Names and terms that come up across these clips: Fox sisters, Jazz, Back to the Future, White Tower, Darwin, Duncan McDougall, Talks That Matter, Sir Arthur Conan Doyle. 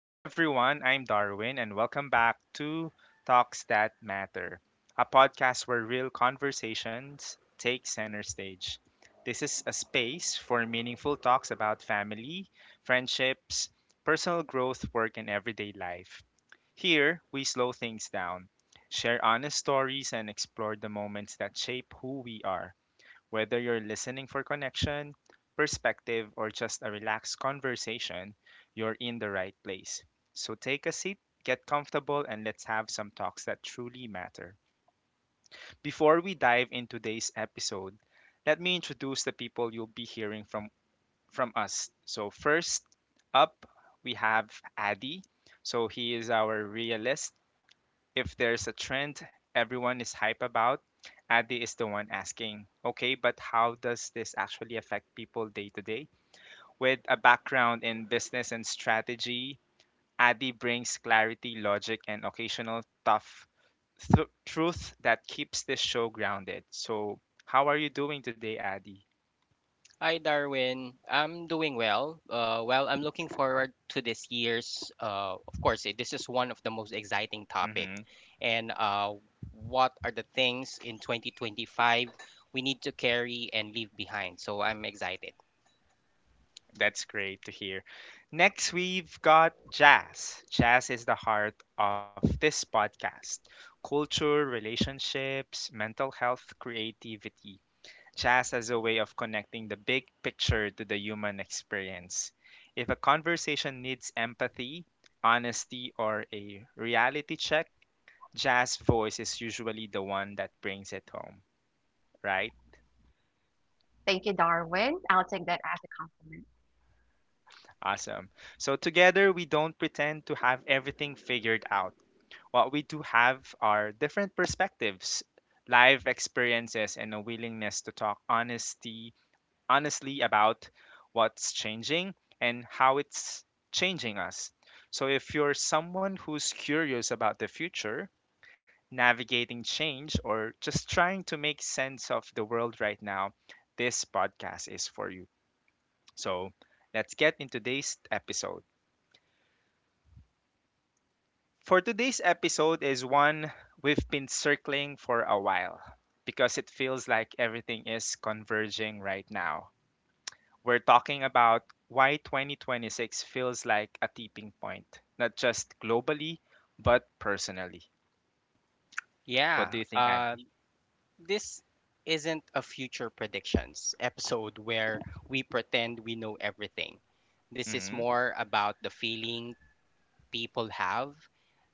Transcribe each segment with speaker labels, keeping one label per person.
Speaker 1: Hello, everyone. I'm Darwin, and welcome back to Talks That Matter, a podcast where real conversations take center stage. This is a space for meaningful talks about family, friendships, personal growth, work, and everyday life. Here, we slow things down, share honest stories, and explore the moments that shape who we are. Whether you're listening for connection, perspective, or just a relaxed conversation, you're in the right place. So take a seat, get comfortable, and let's have some talks that truly matter. Before we dive into today's episode, let me introduce the people you'll be hearing from us. So first up, we have Adi. So he is our realist if there's a trend everyone is hype about, Adi is the one asking, okay, but how does this actually affect people day to day? With a background in business and strategy, Adi brings clarity, logic, and occasional tough truth that keeps this show grounded. So, how are you doing today, Adi?
Speaker 2: Hi Darwin, I'm doing well. Well, I'm looking forward to this year's. Of course, this is one of the most exciting topic. And what are the things in 2025 we need to carry and leave behind? So I'm excited.
Speaker 1: That's great to hear. Next, we've got jazz. Jazz is the heart of this podcast culture, relationships, mental health, creativity. Jazz as a way of connecting the big picture to the human experience. If a conversation needs empathy, honesty, or a reality check, jazz voice is usually the one that brings it home, right?
Speaker 3: Thank you, Darwin. I'll take that as a compliment.
Speaker 1: Awesome. So, together, we don't pretend to have everything figured out. What we do have are different perspectives, live experiences, and a willingness to talk honestly about what's changing and how it's changing us. So if you're someone who's curious about the future, navigating change, or just trying to make sense of the world right now, this podcast is for you. So let's get into today's episode. For today's episode is one we've been circling for a while because it feels like everything is converging right now. We're talking about why 2026 feels like a tipping point, not just globally, but personally. What do
Speaker 2: Yeah,
Speaker 1: you think,
Speaker 2: uh,
Speaker 1: Andy?
Speaker 2: this isn't a future predictions episode where we pretend we know everything. This is
Speaker 1: Hmm.
Speaker 2: more about the feeling people have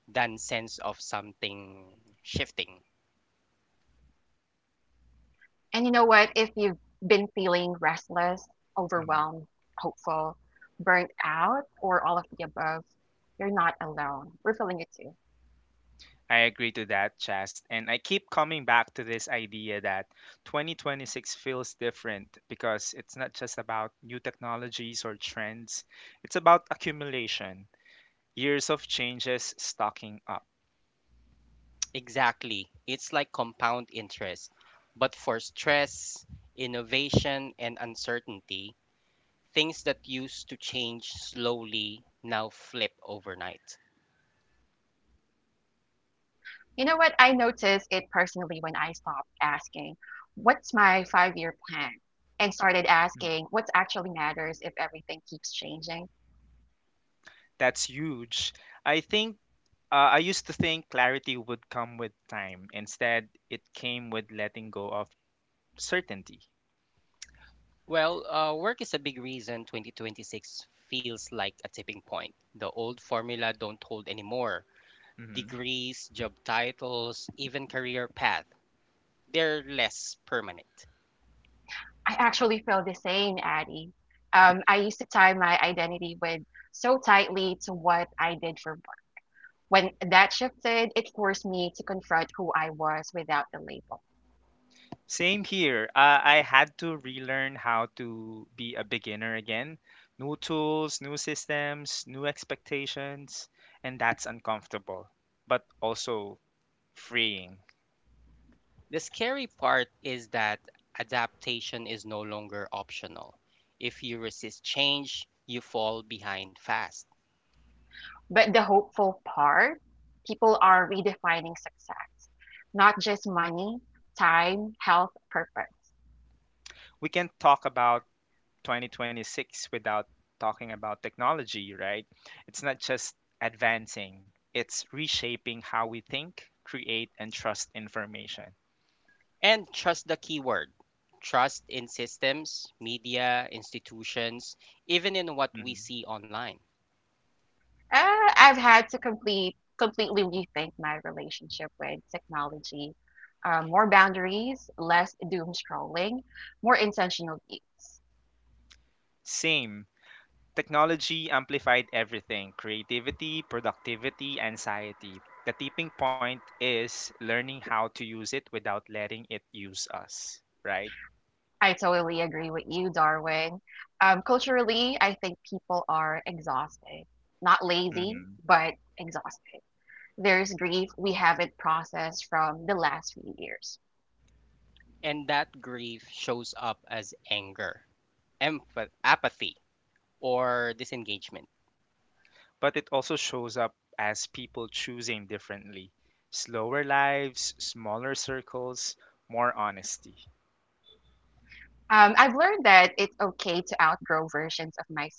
Speaker 2: than sense of something shifting.
Speaker 3: And you know what? If you've been feeling restless,
Speaker 1: Hmm.
Speaker 3: overwhelmed, hopeful, burnt out, or all of the above, you're not alone. We're feeling it too.
Speaker 1: I agree to that, Chast. And I keep coming back to this idea that 2026 feels different because it's not just about new technologies or trends, it's about accumulation years of changes stocking up.
Speaker 2: Exactly. It's like compound interest, but for stress, innovation, and uncertainty, things that used to change slowly now flip overnight.
Speaker 3: You know what? I noticed it personally when I stopped asking, what's my 5 year plan? And
Speaker 1: Mm.
Speaker 3: started asking, what actually matters if everything keeps changing?
Speaker 1: That's huge. I think I used to think clarity would come with time. Instead, it came with letting go of certainty.
Speaker 2: Work is a big reason 2026 feels like a tipping point. The old formula don't hold anymore.
Speaker 1: Mhm.
Speaker 2: Degrees, job titles, even career path, they're less permanent.
Speaker 3: I actually feel the same, Addie. I used to tie my identity with so tightly to what I did for work. When that shifted, it forced me to confront who I was without the label.
Speaker 1: Same here. I had to relearn how to be a beginner again. New tools, new systems, new expectations, and that's uncomfortable, but also freeing.
Speaker 2: The scary part is that adaptation is no longer optional. If you resist change, you fall behind fast.
Speaker 3: But the hopeful part, people are redefining success, not just money, time, health, purpose.
Speaker 1: We can talk about 2026 without talking about technology, right? It's not just advancing, it's reshaping how we think, create, and trust information.
Speaker 2: And trust the keyword trust in systems, media, institutions, even in what we
Speaker 1: Mhm.
Speaker 2: see online.
Speaker 3: I've had to completely rethink my relationship with technology. More boundaries, less doom scrolling, more intentional use.
Speaker 1: Same. Technology amplified everything creativity, productivity, anxiety. The tipping point is learning how to use it without letting it use us, right?
Speaker 3: I totally agree with you, Darwin. Culturally, I think people are exhausted. Not lazy,
Speaker 1: Mhm.
Speaker 3: but exhausted. There's grief we haven't processed from the last few years.
Speaker 2: And that grief shows up as anger, apathy, or disengagement.
Speaker 1: But it also shows up as people choosing differently slower lives, smaller circles, more honesty.
Speaker 3: I've learned that it's okay to outgrow versions of myself.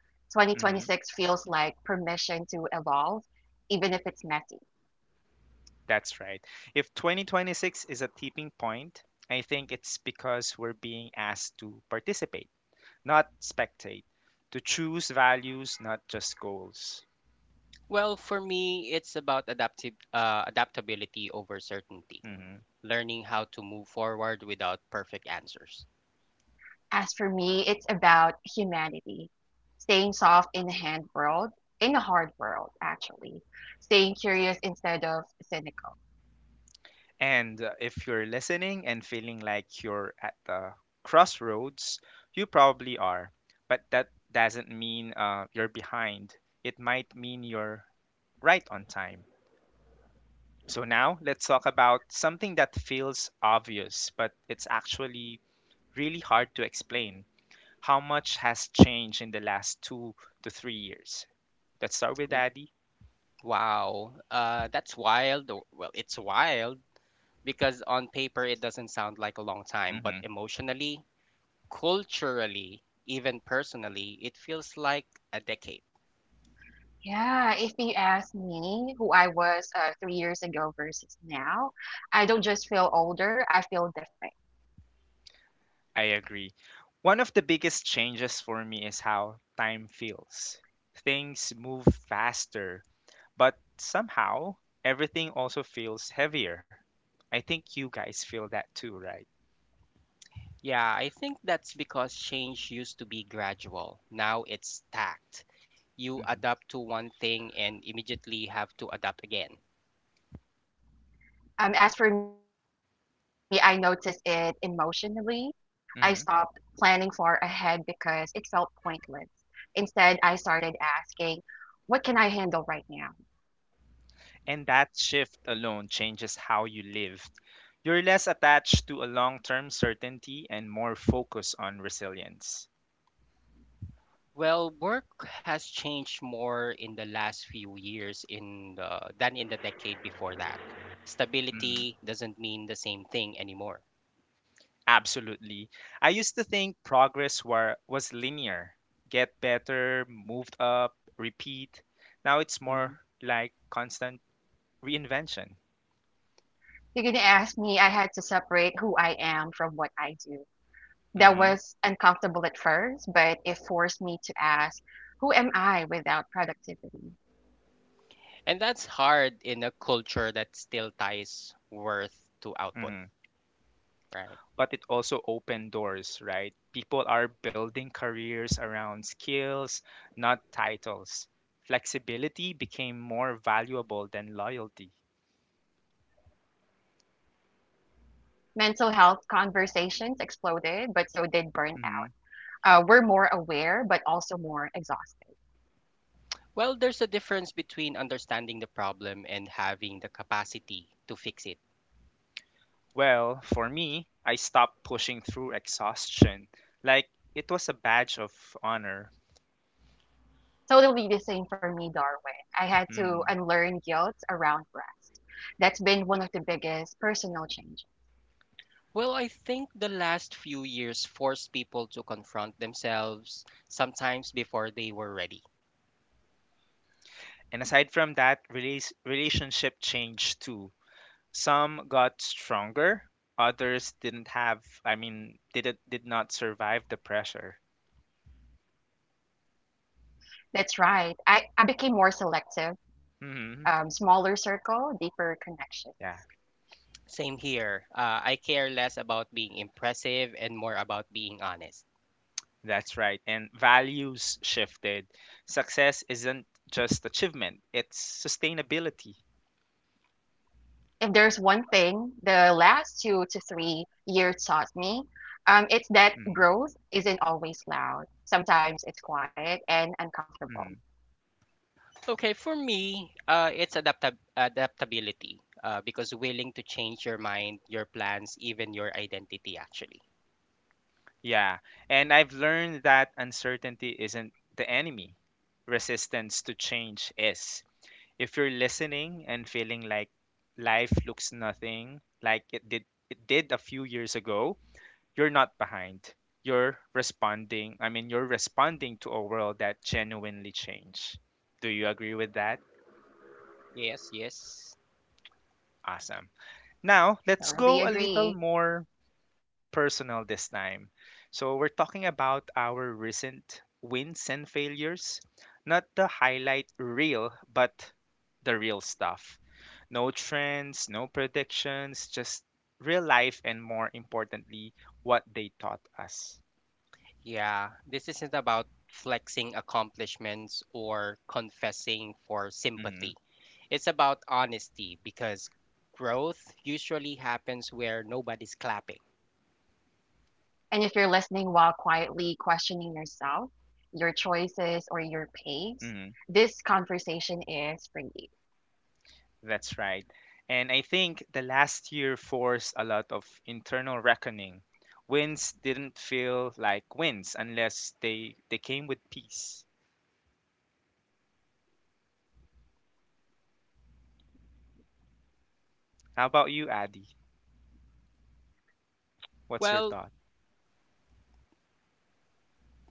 Speaker 3: 2026
Speaker 1: Hmm.
Speaker 3: feels like permission to evolve, even if it's messy.
Speaker 1: That's right. If 2026 is a tipping point, I think it's because we're being asked to participate, not spectate, to choose values, not just goals.
Speaker 2: Well, for me, it's about adaptability over certainty,
Speaker 1: Mm-hmm.
Speaker 2: learning how to move forward without perfect answers.
Speaker 3: As for me, it's about humanity, staying soft in the hand world, in the hard world, actually, staying curious instead of cynical.
Speaker 1: And if you're listening and feeling like you're at the crossroads, you probably are. But that doesn't mean you're behind, it might mean you're right on time. So, now let's talk about something that feels obvious, but it's actually really hard to explain. How much has changed in the last 2 to 3 years? Let's start with
Speaker 2: W-
Speaker 1: Daddy.
Speaker 2: Wow. That's wild. Well, it's wild because on paper it doesn't sound like a long time, but emotionally, culturally, even personally, it feels like a decade.
Speaker 3: Yeah, if you ask me who I was 3 years ago versus now, I don't just feel older, I feel different.
Speaker 1: I agree. One of the biggest changes for me is how time feels. Things move faster, but somehow everything also feels heavier. I think you guys feel that too, right?
Speaker 2: Yeah, I think that's because change used to be gradual. Now it's stacked. You
Speaker 1: Hmm.
Speaker 2: adapt to one thing and immediately have to adapt again.
Speaker 3: As for me, I noticed it emotionally. I stopped planning far ahead
Speaker 1: Hmm.
Speaker 3: because it felt pointless. Instead, I started asking, what can I handle right now?
Speaker 1: And that shift alone changes how you live. You're less attached to a long term certainty and more focused on resilience.
Speaker 2: Well, work has changed more in the last few years than in the decade before that.
Speaker 1: Mm-hmm.
Speaker 2: Stability doesn't mean the same thing anymore.
Speaker 1: Absolutely. I used to think progress were, was linear get better, moved up, repeat. Now it's
Speaker 2: hmm
Speaker 1: more like constant reinvention.
Speaker 3: You're gonna ask me, I had to separate who I am from what I do. That
Speaker 1: Hmm.
Speaker 3: was uncomfortable at first, but it forced me to ask, who am I without productivity?
Speaker 2: And that's hard in a culture that still ties worth to output,
Speaker 1: Hmm.
Speaker 2: right?
Speaker 1: But it also opened doors, right? People are building careers around skills, not titles. Flexibility became more valuable than loyalty.
Speaker 3: Mental health conversations exploded, but so did
Speaker 1: Hmm.
Speaker 3: burnout. We're more aware, but also more exhausted.
Speaker 2: Well, there's a difference between understanding the problem and having the capacity to fix it.
Speaker 1: Well, for me, I stopped pushing through exhaustion. Like, it was a badge of honor.
Speaker 3: Totally the same for me, Darwin. I had to
Speaker 1: Mm.
Speaker 3: unlearn guilt around rest. That's been one of the biggest personal changes.
Speaker 2: Well, I think the last few years forced people to confront themselves sometimes before they were ready.
Speaker 1: And aside from that, relas relationship changed too. Some got stronger, others didn't have, I mean, did not survive the pressure.
Speaker 3: That's right. I became more selective, smaller circle, deeper
Speaker 1: Hmm.
Speaker 3: connections.
Speaker 1: Yeah,
Speaker 2: Same here. I care less about being impressive and more about being honest.
Speaker 1: that's right. And values shifted. Success isn't just achievement, it's sustainability.
Speaker 3: If there's one thing the last 2 to 3 years taught me, it's that
Speaker 1: Mm.
Speaker 3: growth isn't always loud. Sometimes it's quiet and uncomfortable.
Speaker 1: Mm.
Speaker 2: Okay, for me, it's adaptability because willing to change your mind, your plans, even your identity, actually.
Speaker 1: Yeah, and I've learned that uncertainty isn't the enemy. Resistance to change is. If you're listening and feeling like life looks nothing like it did a few years ago, you're not behind. You're responding. I mean, you're responding to a world that genuinely changed. Do you agree with that?
Speaker 2: Yes, yes.
Speaker 3: Totally agree.
Speaker 1: Awesome. Now, let's go a little more personal this time. So, we're talking about our recent wins and failures, not the highlight reel, but the real stuff. No trends, no predictions, just real life and more importantly, what they taught us.
Speaker 2: Yeah, this isn't about flexing accomplishments or confessing for sympathy.
Speaker 1: Hmm.
Speaker 2: It's about honesty because growth usually happens where nobody's clapping.
Speaker 3: And if you're listening while quietly questioning yourself, your choices, or your pace,
Speaker 1: Hmm.
Speaker 3: this conversation is for you.
Speaker 1: That's right. And I think the last year forced a lot of internal reckoning. Wins didn't feel like wins unless they came with peace. How about you, Addy? What's your
Speaker 2: Well,
Speaker 1: thought?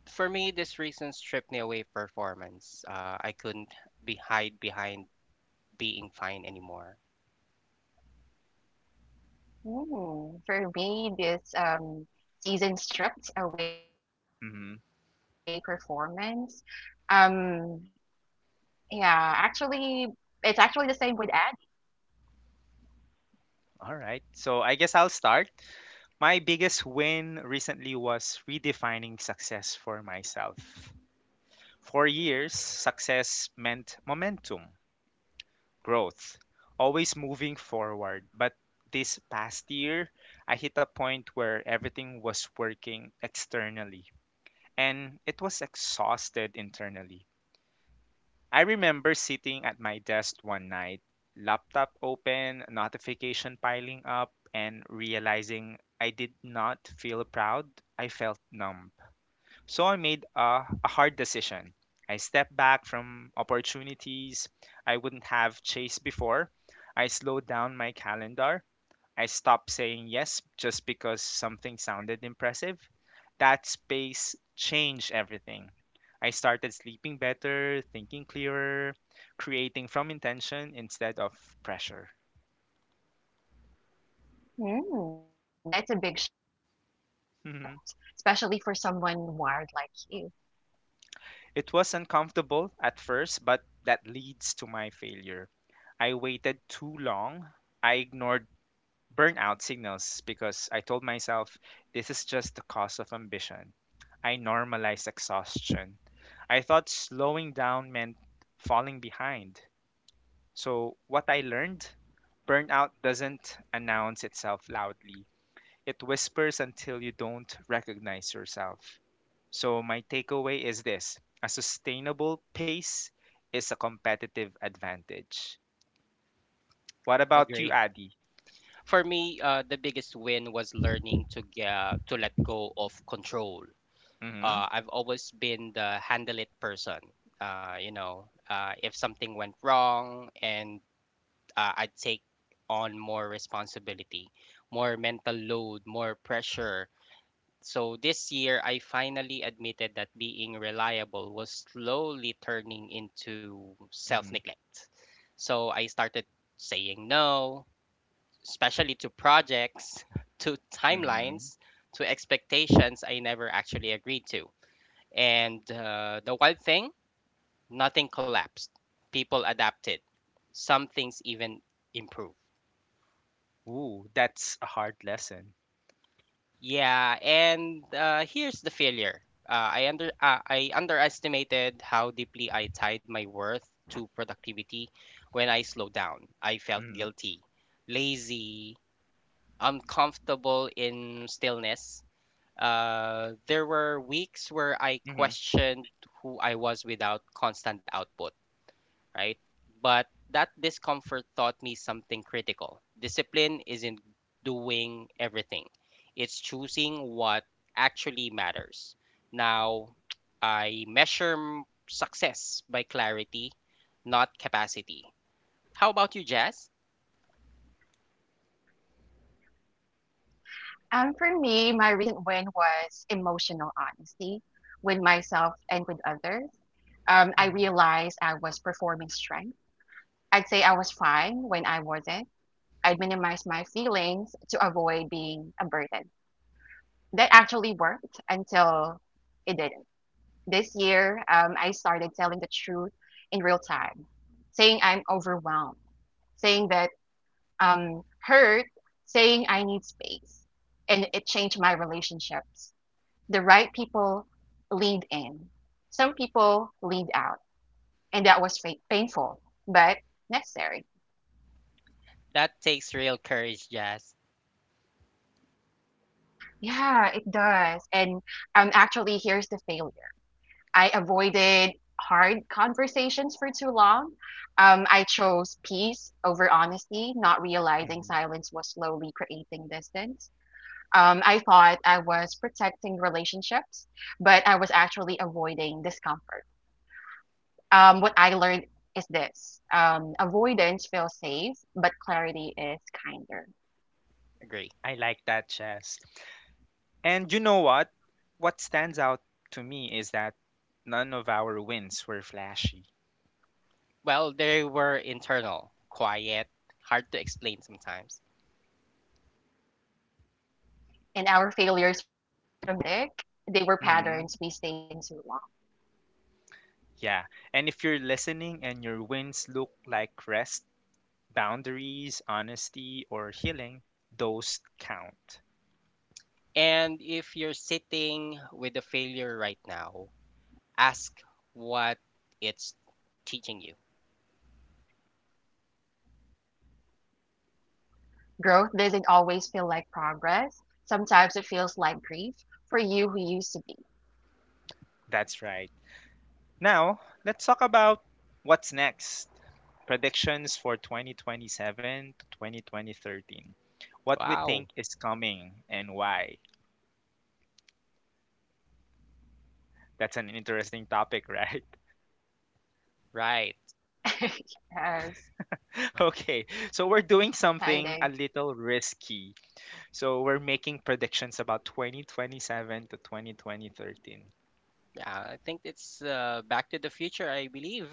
Speaker 2: for me, these reasons stripped me away performance. I couldn't be hide behind being fine anymore.
Speaker 3: For me, this season
Speaker 1: Mm-hmm.
Speaker 3: stripped away performance. Um, yeah, it's actually the same with Addie.
Speaker 1: All right. So I guess I'll start. My biggest win recently was redefining success for myself. For years, success meant momentum, growth, always moving forward. But this past year, I hit a point where everything was working externally and it was exhausted internally. I remember sitting at my desk one night, laptop open, notification piling up, and realizing I did not feel proud. I felt numb. So I made a hard decision. I stepped back from opportunities I wouldn't have chased before. I slowed down my calendar. I stopped saying yes just because something sounded impressive. That space changed everything. I started sleeping better, thinking clearer, creating from intention instead of pressure.
Speaker 3: Mm, that's a big shift, especially for
Speaker 1: Mhm.
Speaker 3: someone wired like you.
Speaker 1: It was uncomfortable at first, but that leads to my failure. I waited too long. I ignored burnout signals because I told myself this is just the cost of ambition. I normalized exhaustion. I thought slowing down meant falling behind. So, what I learned burnout doesn't announce itself loudly, it whispers until you don't recognize yourself. So, my takeaway is this a sustainable pace is a competitive advantage. What about you,
Speaker 2: Agree.
Speaker 1: Adi?
Speaker 2: For me, the biggest win was learning to let go of control.
Speaker 1: Mm hmm.
Speaker 2: I've always been the handle it person. If something went wrong, and I'd take on more responsibility, more mental load, more pressure. So this year, I finally admitted that being reliable was slowly turning into self
Speaker 1: Mm
Speaker 2: neglect. So I started saying no, especially to projects, to
Speaker 1: hmm. Mm hmm.
Speaker 2: timelines, to expectations I never actually agreed to. And the wild thing, nothing collapsed. People adapted. Some things even improved.
Speaker 1: Ooh, that's a hard lesson.
Speaker 2: Yeah, and here's the failure. I underestimated how deeply I tied my worth to productivity when I slowed down. I felt
Speaker 1: Hmm.
Speaker 2: guilty, lazy, uncomfortable in stillness. There were weeks where I
Speaker 1: Hmm.
Speaker 2: questioned who I was without constant output, right? But that discomfort taught me something critical. Discipline isn't doing everything, it's choosing what actually matters. Now, I measure success by clarity, not capacity. How about you, Jazz?
Speaker 3: For me, my recent win was emotional honesty with myself and with others. I realized
Speaker 1: Hmm.
Speaker 3: I was performing strength. I'd say I was fine when I wasn't. I'd minimize my feelings to avoid being a burden. That actually worked until it didn't. This year, I started telling the truth in real time, saying I'm overwhelmed, saying that hurt, saying I need space. And it changed my relationships. People lead in, some people lead out. And that was painful, but necessary.
Speaker 2: That takes real courage, Jazz.
Speaker 3: Yeah, it does. And actually, here's the failure. I avoided hard conversations for too long. I chose peace over honesty, not realizing
Speaker 1: Hmm.
Speaker 3: silence was slowly creating distance. I thought I was protecting relationships, but I was actually avoiding discomfort. What I learned is this, avoidance feels safe, but clarity is kinder.
Speaker 2: Agree.
Speaker 1: I like that, Chess. And you know what? What stands out to me is that none of our wins were flashy.
Speaker 2: Well, they were internal, quiet, hard to explain sometimes.
Speaker 3: And our failures weren't dramatic, they were patterns
Speaker 1: Hmm.
Speaker 3: we stayed in too long.
Speaker 1: Yeah. And if you're listening and your wins look like rest, boundaries, honesty, or healing, those count.
Speaker 2: And if you're sitting with a failure right now, ask what it's teaching you.
Speaker 3: Growth doesn't always feel like progress, sometimes it feels like grief for you who used to be.
Speaker 1: That's right. Now, let's talk about what's next. Predictions for 2027 to 2020 what we think
Speaker 2: Wow.
Speaker 1: is coming and why. That's an interesting topic, right?
Speaker 2: Right.
Speaker 3: Yes,
Speaker 1: Okay, so we're
Speaker 3: exciting.
Speaker 1: doing something a little risky. So we're making predictions about 2027 to 2020-13.
Speaker 2: Yeah, I think it's Back to the Future, I believe.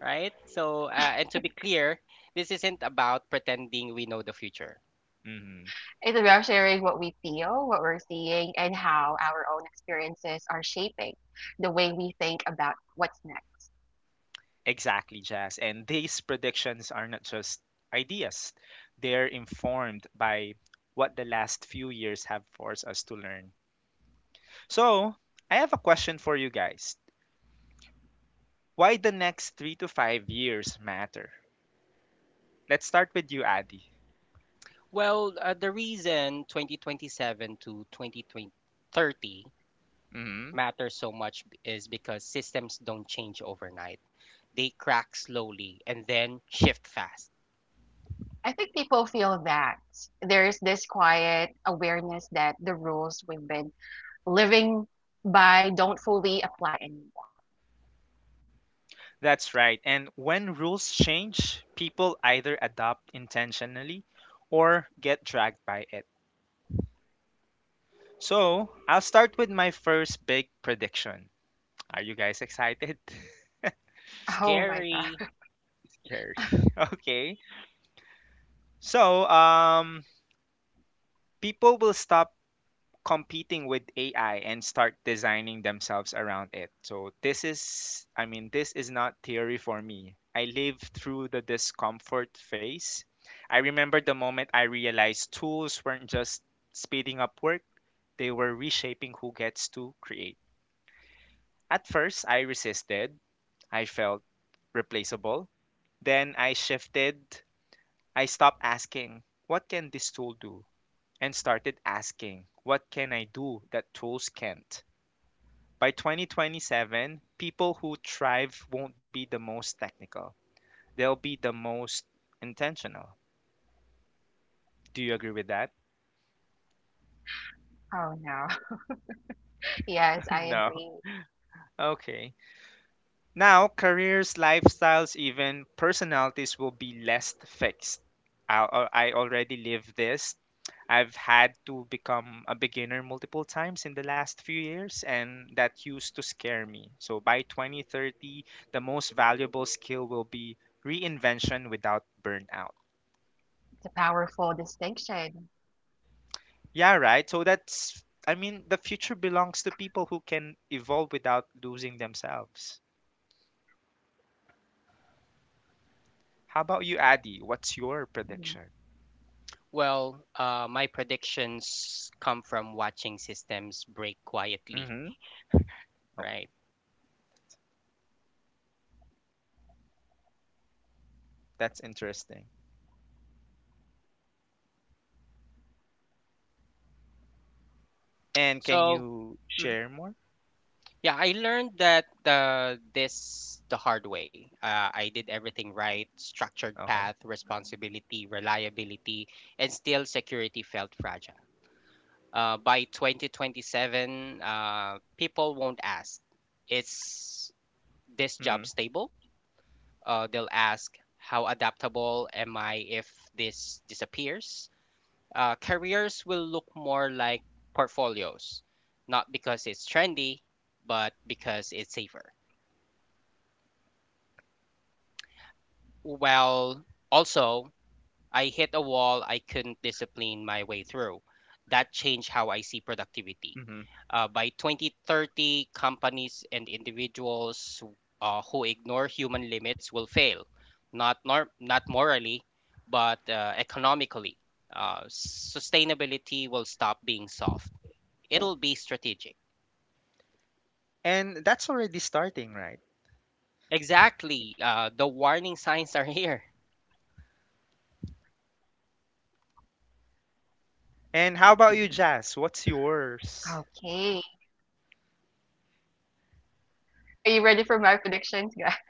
Speaker 2: Right. So, and to be clear, this isn't about pretending we know the future.
Speaker 1: Mhm.
Speaker 3: It's about sharing what we feel, what we're seeing, and how our own experiences are shaping the way we think about what's next.
Speaker 1: Exactly, Jazz. And these predictions are not just ideas. They're informed by what the last few years have forced us to learn. So, I have a question for you guys. Why the next 3 to 5 years matter? Let's start with you, Adi.
Speaker 2: Well, the reason 2027 to 2030
Speaker 1: Hmm.
Speaker 2: matters so much is because systems don't change overnight. They crack slowly and then shift fast.
Speaker 3: I think people feel that there's this quiet awareness that the rules we've been living by don't fully apply anymore.
Speaker 1: That's right. And when rules change, people either adopt intentionally or get dragged by it. So, I'll start with my first big prediction. Are you guys excited?
Speaker 3: Oh my God.
Speaker 2: Scary.
Speaker 1: Scary. Okay. So, people will stop competing with AI and start designing themselves around it. So this is I mean this is not theory for me. I lived through the discomfort phase. I remember the moment I realized tools weren't just speeding up work, they were reshaping who gets to create. At first, I resisted. I felt replaceable. Then I shifted. I stopped asking, what can this tool do? And started asking, what can I do that tools can't? By 2027, people who thrive won't be the most technical. They'll be the most intentional. Do you agree with that?
Speaker 3: Oh no. Yes, I
Speaker 1: No.
Speaker 3: agree.
Speaker 1: Okay. Now, careers, lifestyles, even personalities will be less fixed. I already live this. I've had to become a beginner multiple times in the last few years, and that used to scare me. So by 2030, the most valuable skill will be reinvention without burnout.
Speaker 3: It's a powerful distinction.
Speaker 1: Yeah, right. So that's, I mean, the future belongs to people who can evolve without losing themselves. How about you, Adi? What's your
Speaker 3: Mm.
Speaker 1: prediction?
Speaker 2: Well, my predictions come from watching systems break quietly,
Speaker 1: Mm-hmm. Okay,
Speaker 2: right?
Speaker 1: that's interesting. And can
Speaker 2: So,
Speaker 1: you
Speaker 2: mhm.
Speaker 1: share more?
Speaker 2: yeah, I learned that the this the hard way. I did everything right: structured
Speaker 1: Okay.
Speaker 2: path, responsibility, reliability, and still security felt fragile. By 2027, people won't ask, "Is this
Speaker 1: Mm-hmm.
Speaker 2: job stable?" They'll ask, "How adaptable am I if this disappears?" Careers will look more like portfolios, not because it's trendy, but because it's safer. Well, also, I hit a wall I couldn't discipline my way through. That changed how I see productivity.
Speaker 1: Mm-hmm.
Speaker 2: By 2030, companies and individuals who ignore human limits will fail, not morally, but economically. Sustainability will stop being soft. It'll be strategic.
Speaker 1: And that's already starting, right?
Speaker 2: Exactly. The warning signs are here.
Speaker 1: And how about you, Jazz? What's yours?
Speaker 3: Okay. Are you ready for my predictions, guys?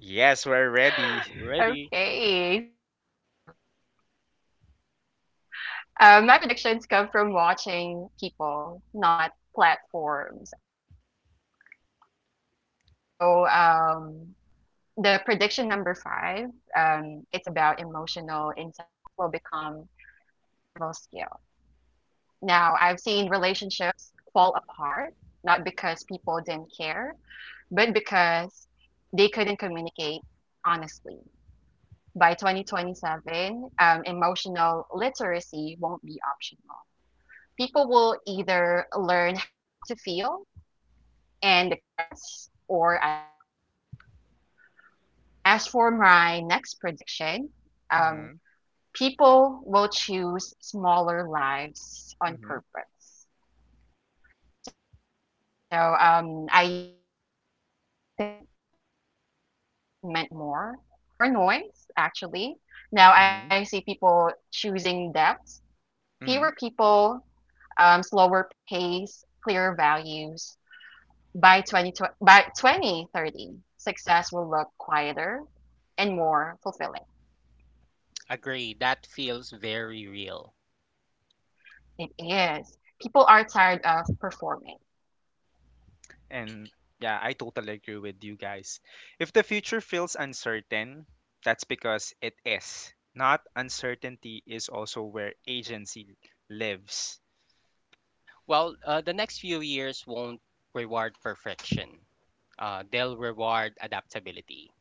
Speaker 1: Yes, we're ready.
Speaker 2: Ready?
Speaker 3: Okay. So. My predictions come from watching people, not platforms, actually. So, the prediction number five, it's about emotional intelligence will become a survival skill. Now, I've seen relationships fall apart, not because people didn't care, but because they couldn't communicate honestly. By 2027, emotional literacy won't be optional. People will either learn how to feel and express or isolate. As for my next prediction, um,
Speaker 1: Mm-hmm.
Speaker 3: people will choose smaller lives on purpose. So I used to think growth meant more, more connections, more exposure.
Speaker 1: Mm-hmm. Mm-hmm.
Speaker 4: Fewer people, slower pace, clearer values. By 20, by 2030, success will look quieter and more fulfilling.
Speaker 2: Agree. That feels very real.
Speaker 4: It is. People are tired of performing
Speaker 1: And yeah, I totally agree with you guys. If the future feels uncertain, that's because it is. Not uncertainty is also where agency lives.
Speaker 2: Well, the next few years won't reward perfection. They'll reward adaptability.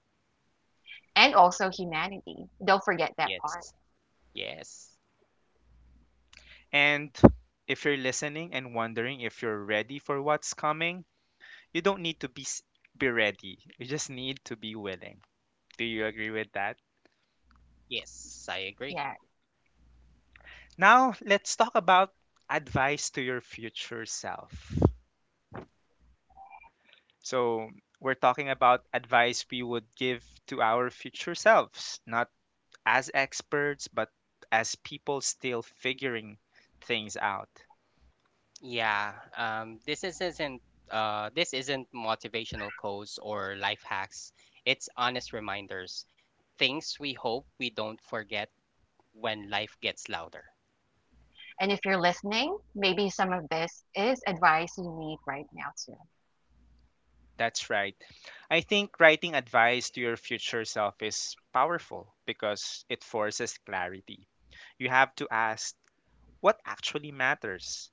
Speaker 4: and also humanity. Don't forget that
Speaker 2: Yes.
Speaker 4: part.
Speaker 2: Yes.
Speaker 1: And if you're listening and wondering if you're ready for what's coming, you don't need to be ready. You just need to be willing. Do you agree with that?
Speaker 2: Yes. I agree.
Speaker 4: Yeah.
Speaker 1: Now, let's talk about advice to your future self. So, we're talking about advice we would give to our future selves, not as experts, but as people still figuring things out.
Speaker 2: Yeah. This is- isn't. This isn't motivational codes or life hacks. It's honest reminders, things we hope we don't forget when life gets louder.
Speaker 4: And if you're listening, maybe some of this is advice you need right now, too.
Speaker 1: That's right. I think writing advice to your future self is powerful because it forces clarity. You have to ask what actually matters.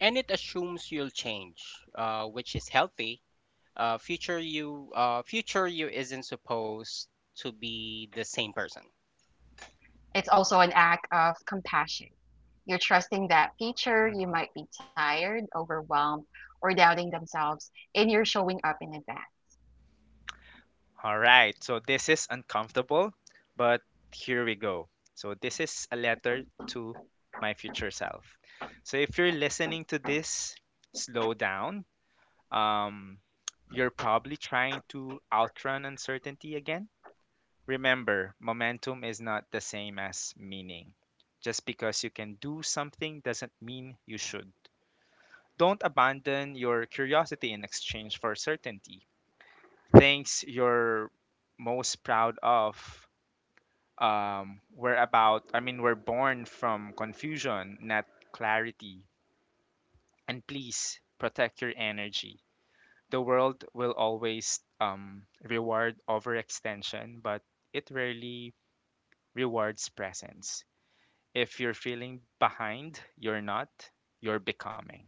Speaker 2: And it assumes you'll change, which is healthy. Future you isn't supposed to be the same person.
Speaker 4: It's also an act of compassion. You're trusting that future you
Speaker 1: Mm-hmm.
Speaker 4: might be tired, overwhelmed, or doubting themselves, and you're showing up in advance.
Speaker 1: All right, so this is uncomfortable, but here we go. So, this is a letter to my future self. So, if you're listening to this, slow down. Um, you're probably trying to outrun uncertainty again. Remember, momentum is not the same as meaning. Just because you can do something doesn't mean you should. Don't abandon your curiosity in exchange for certainty. Things you're most proud of I mean, we're born from confusion, not clarity. And please protect your energy. The world will always reward overextension, but it rarely rewards presence. If you're feeling behind, you're not, you're becoming.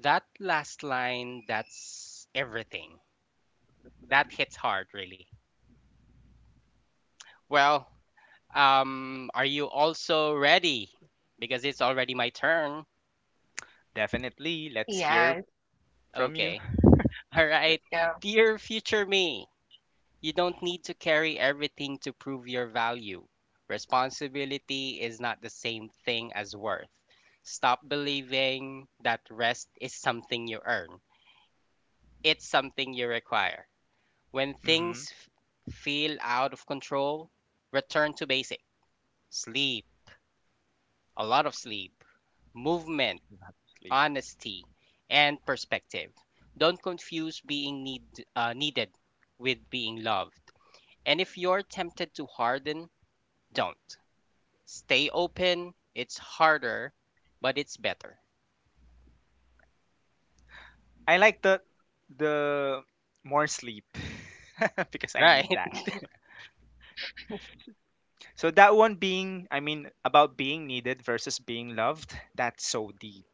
Speaker 2: That last line, that's everything. That hits hard, really. Well, are you also ready? Because it's already my turn.
Speaker 1: Definitely, let's hear
Speaker 3: Yes,
Speaker 1: from you.
Speaker 2: Okay. All right.
Speaker 3: let's go.
Speaker 2: Dear future me, you don't need to carry everything to prove your value. Responsibility is not the same thing as worth. Stop believing that rest is something you earn, it's something you require. When
Speaker 1: Hmm.
Speaker 2: things feel out of control, return to basic sleep, a lot of sleep, movement,
Speaker 1: Sleep.
Speaker 2: honesty, and perspective. Don't confuse being needed with being loved. And if you're tempted to harden, don't. Stay open. It's harder, but it's better.
Speaker 1: I like the more sleep because I
Speaker 2: Right?
Speaker 1: need that. So that one being, I mean, about being needed versus being loved, that's so deep.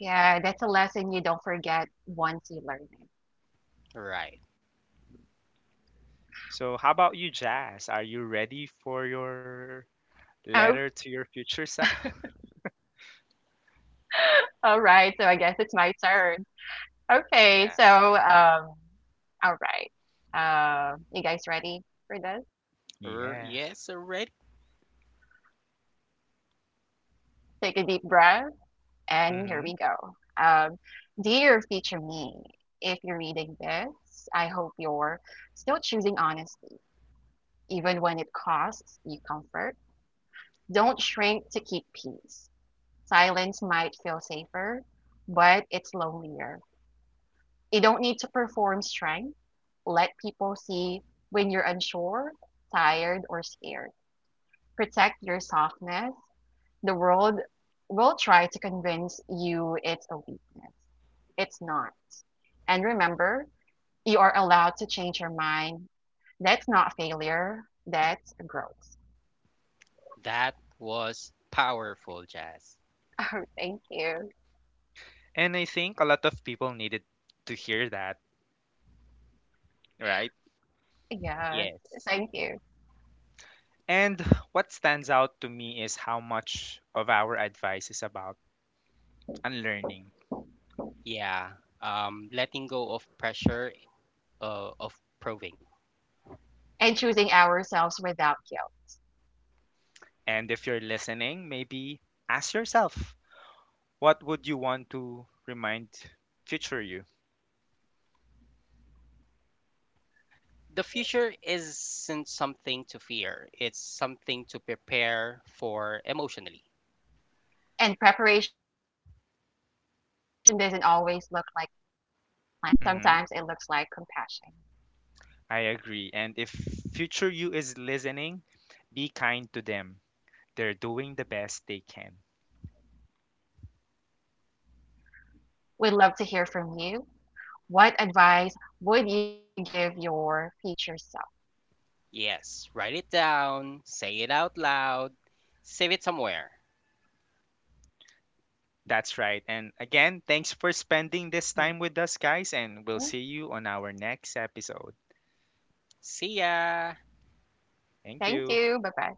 Speaker 3: Yeah, that's a lesson you don't forget once you learn it.
Speaker 2: Right.
Speaker 1: So how about you, Jazz? Are you ready
Speaker 3: Oh,
Speaker 1: for your letter to your future self?
Speaker 3: all right. So I guess it's my turn. Okay,
Speaker 1: Yeah.
Speaker 3: so all right. You guys ready for this?
Speaker 1: Yeah.
Speaker 2: Yes, already.
Speaker 3: Take a deep breath, and here we go.
Speaker 1: Hmm.
Speaker 3: Dear future me, if you're reading this, I hope you're still choosing honesty, even when it costs you comfort. Don't shrink to keep peace. Silence might feel safer, but it's lonelier. You don't need to perform strength. Let people see when you're unsure, tired, or scared. Protect your softness. The world will try to convince you it's a weakness. It's not. And remember, you are allowed to change your mind. That's not failure, that's growth.
Speaker 2: That was powerful, Jazz.
Speaker 3: Oh, thank you.
Speaker 1: And I think a lot of people needed to hear that, right?
Speaker 3: Yes,
Speaker 2: Yes.
Speaker 3: thank you.
Speaker 1: And what stands out to me is how much of our advice is about unlearning.
Speaker 2: Yeah. Letting go of pressure of proving.
Speaker 3: And choosing ourselves without guilt.
Speaker 1: And if you're listening, maybe ask yourself, what would you want to remind future you?
Speaker 2: The future isn't something to fear, it's something to prepare for emotionally.
Speaker 3: And preparation doesn't always look like planning, sometimes it looks like compassion.
Speaker 1: Mhm. I agree. And if future you is listening, be kind to them. They're doing the best they can.
Speaker 3: We'd love to hear from you. What advice would you give your future self?
Speaker 2: Yes. Write it down, say it out loud, save it somewhere.
Speaker 1: That's right.
Speaker 3: Mhm.
Speaker 1: And again, thanks for spending this time with us, guys, and we'll see you on our next episode.
Speaker 2: See ya.
Speaker 1: Thank
Speaker 3: Thank
Speaker 1: you.
Speaker 3: you. Bye bye.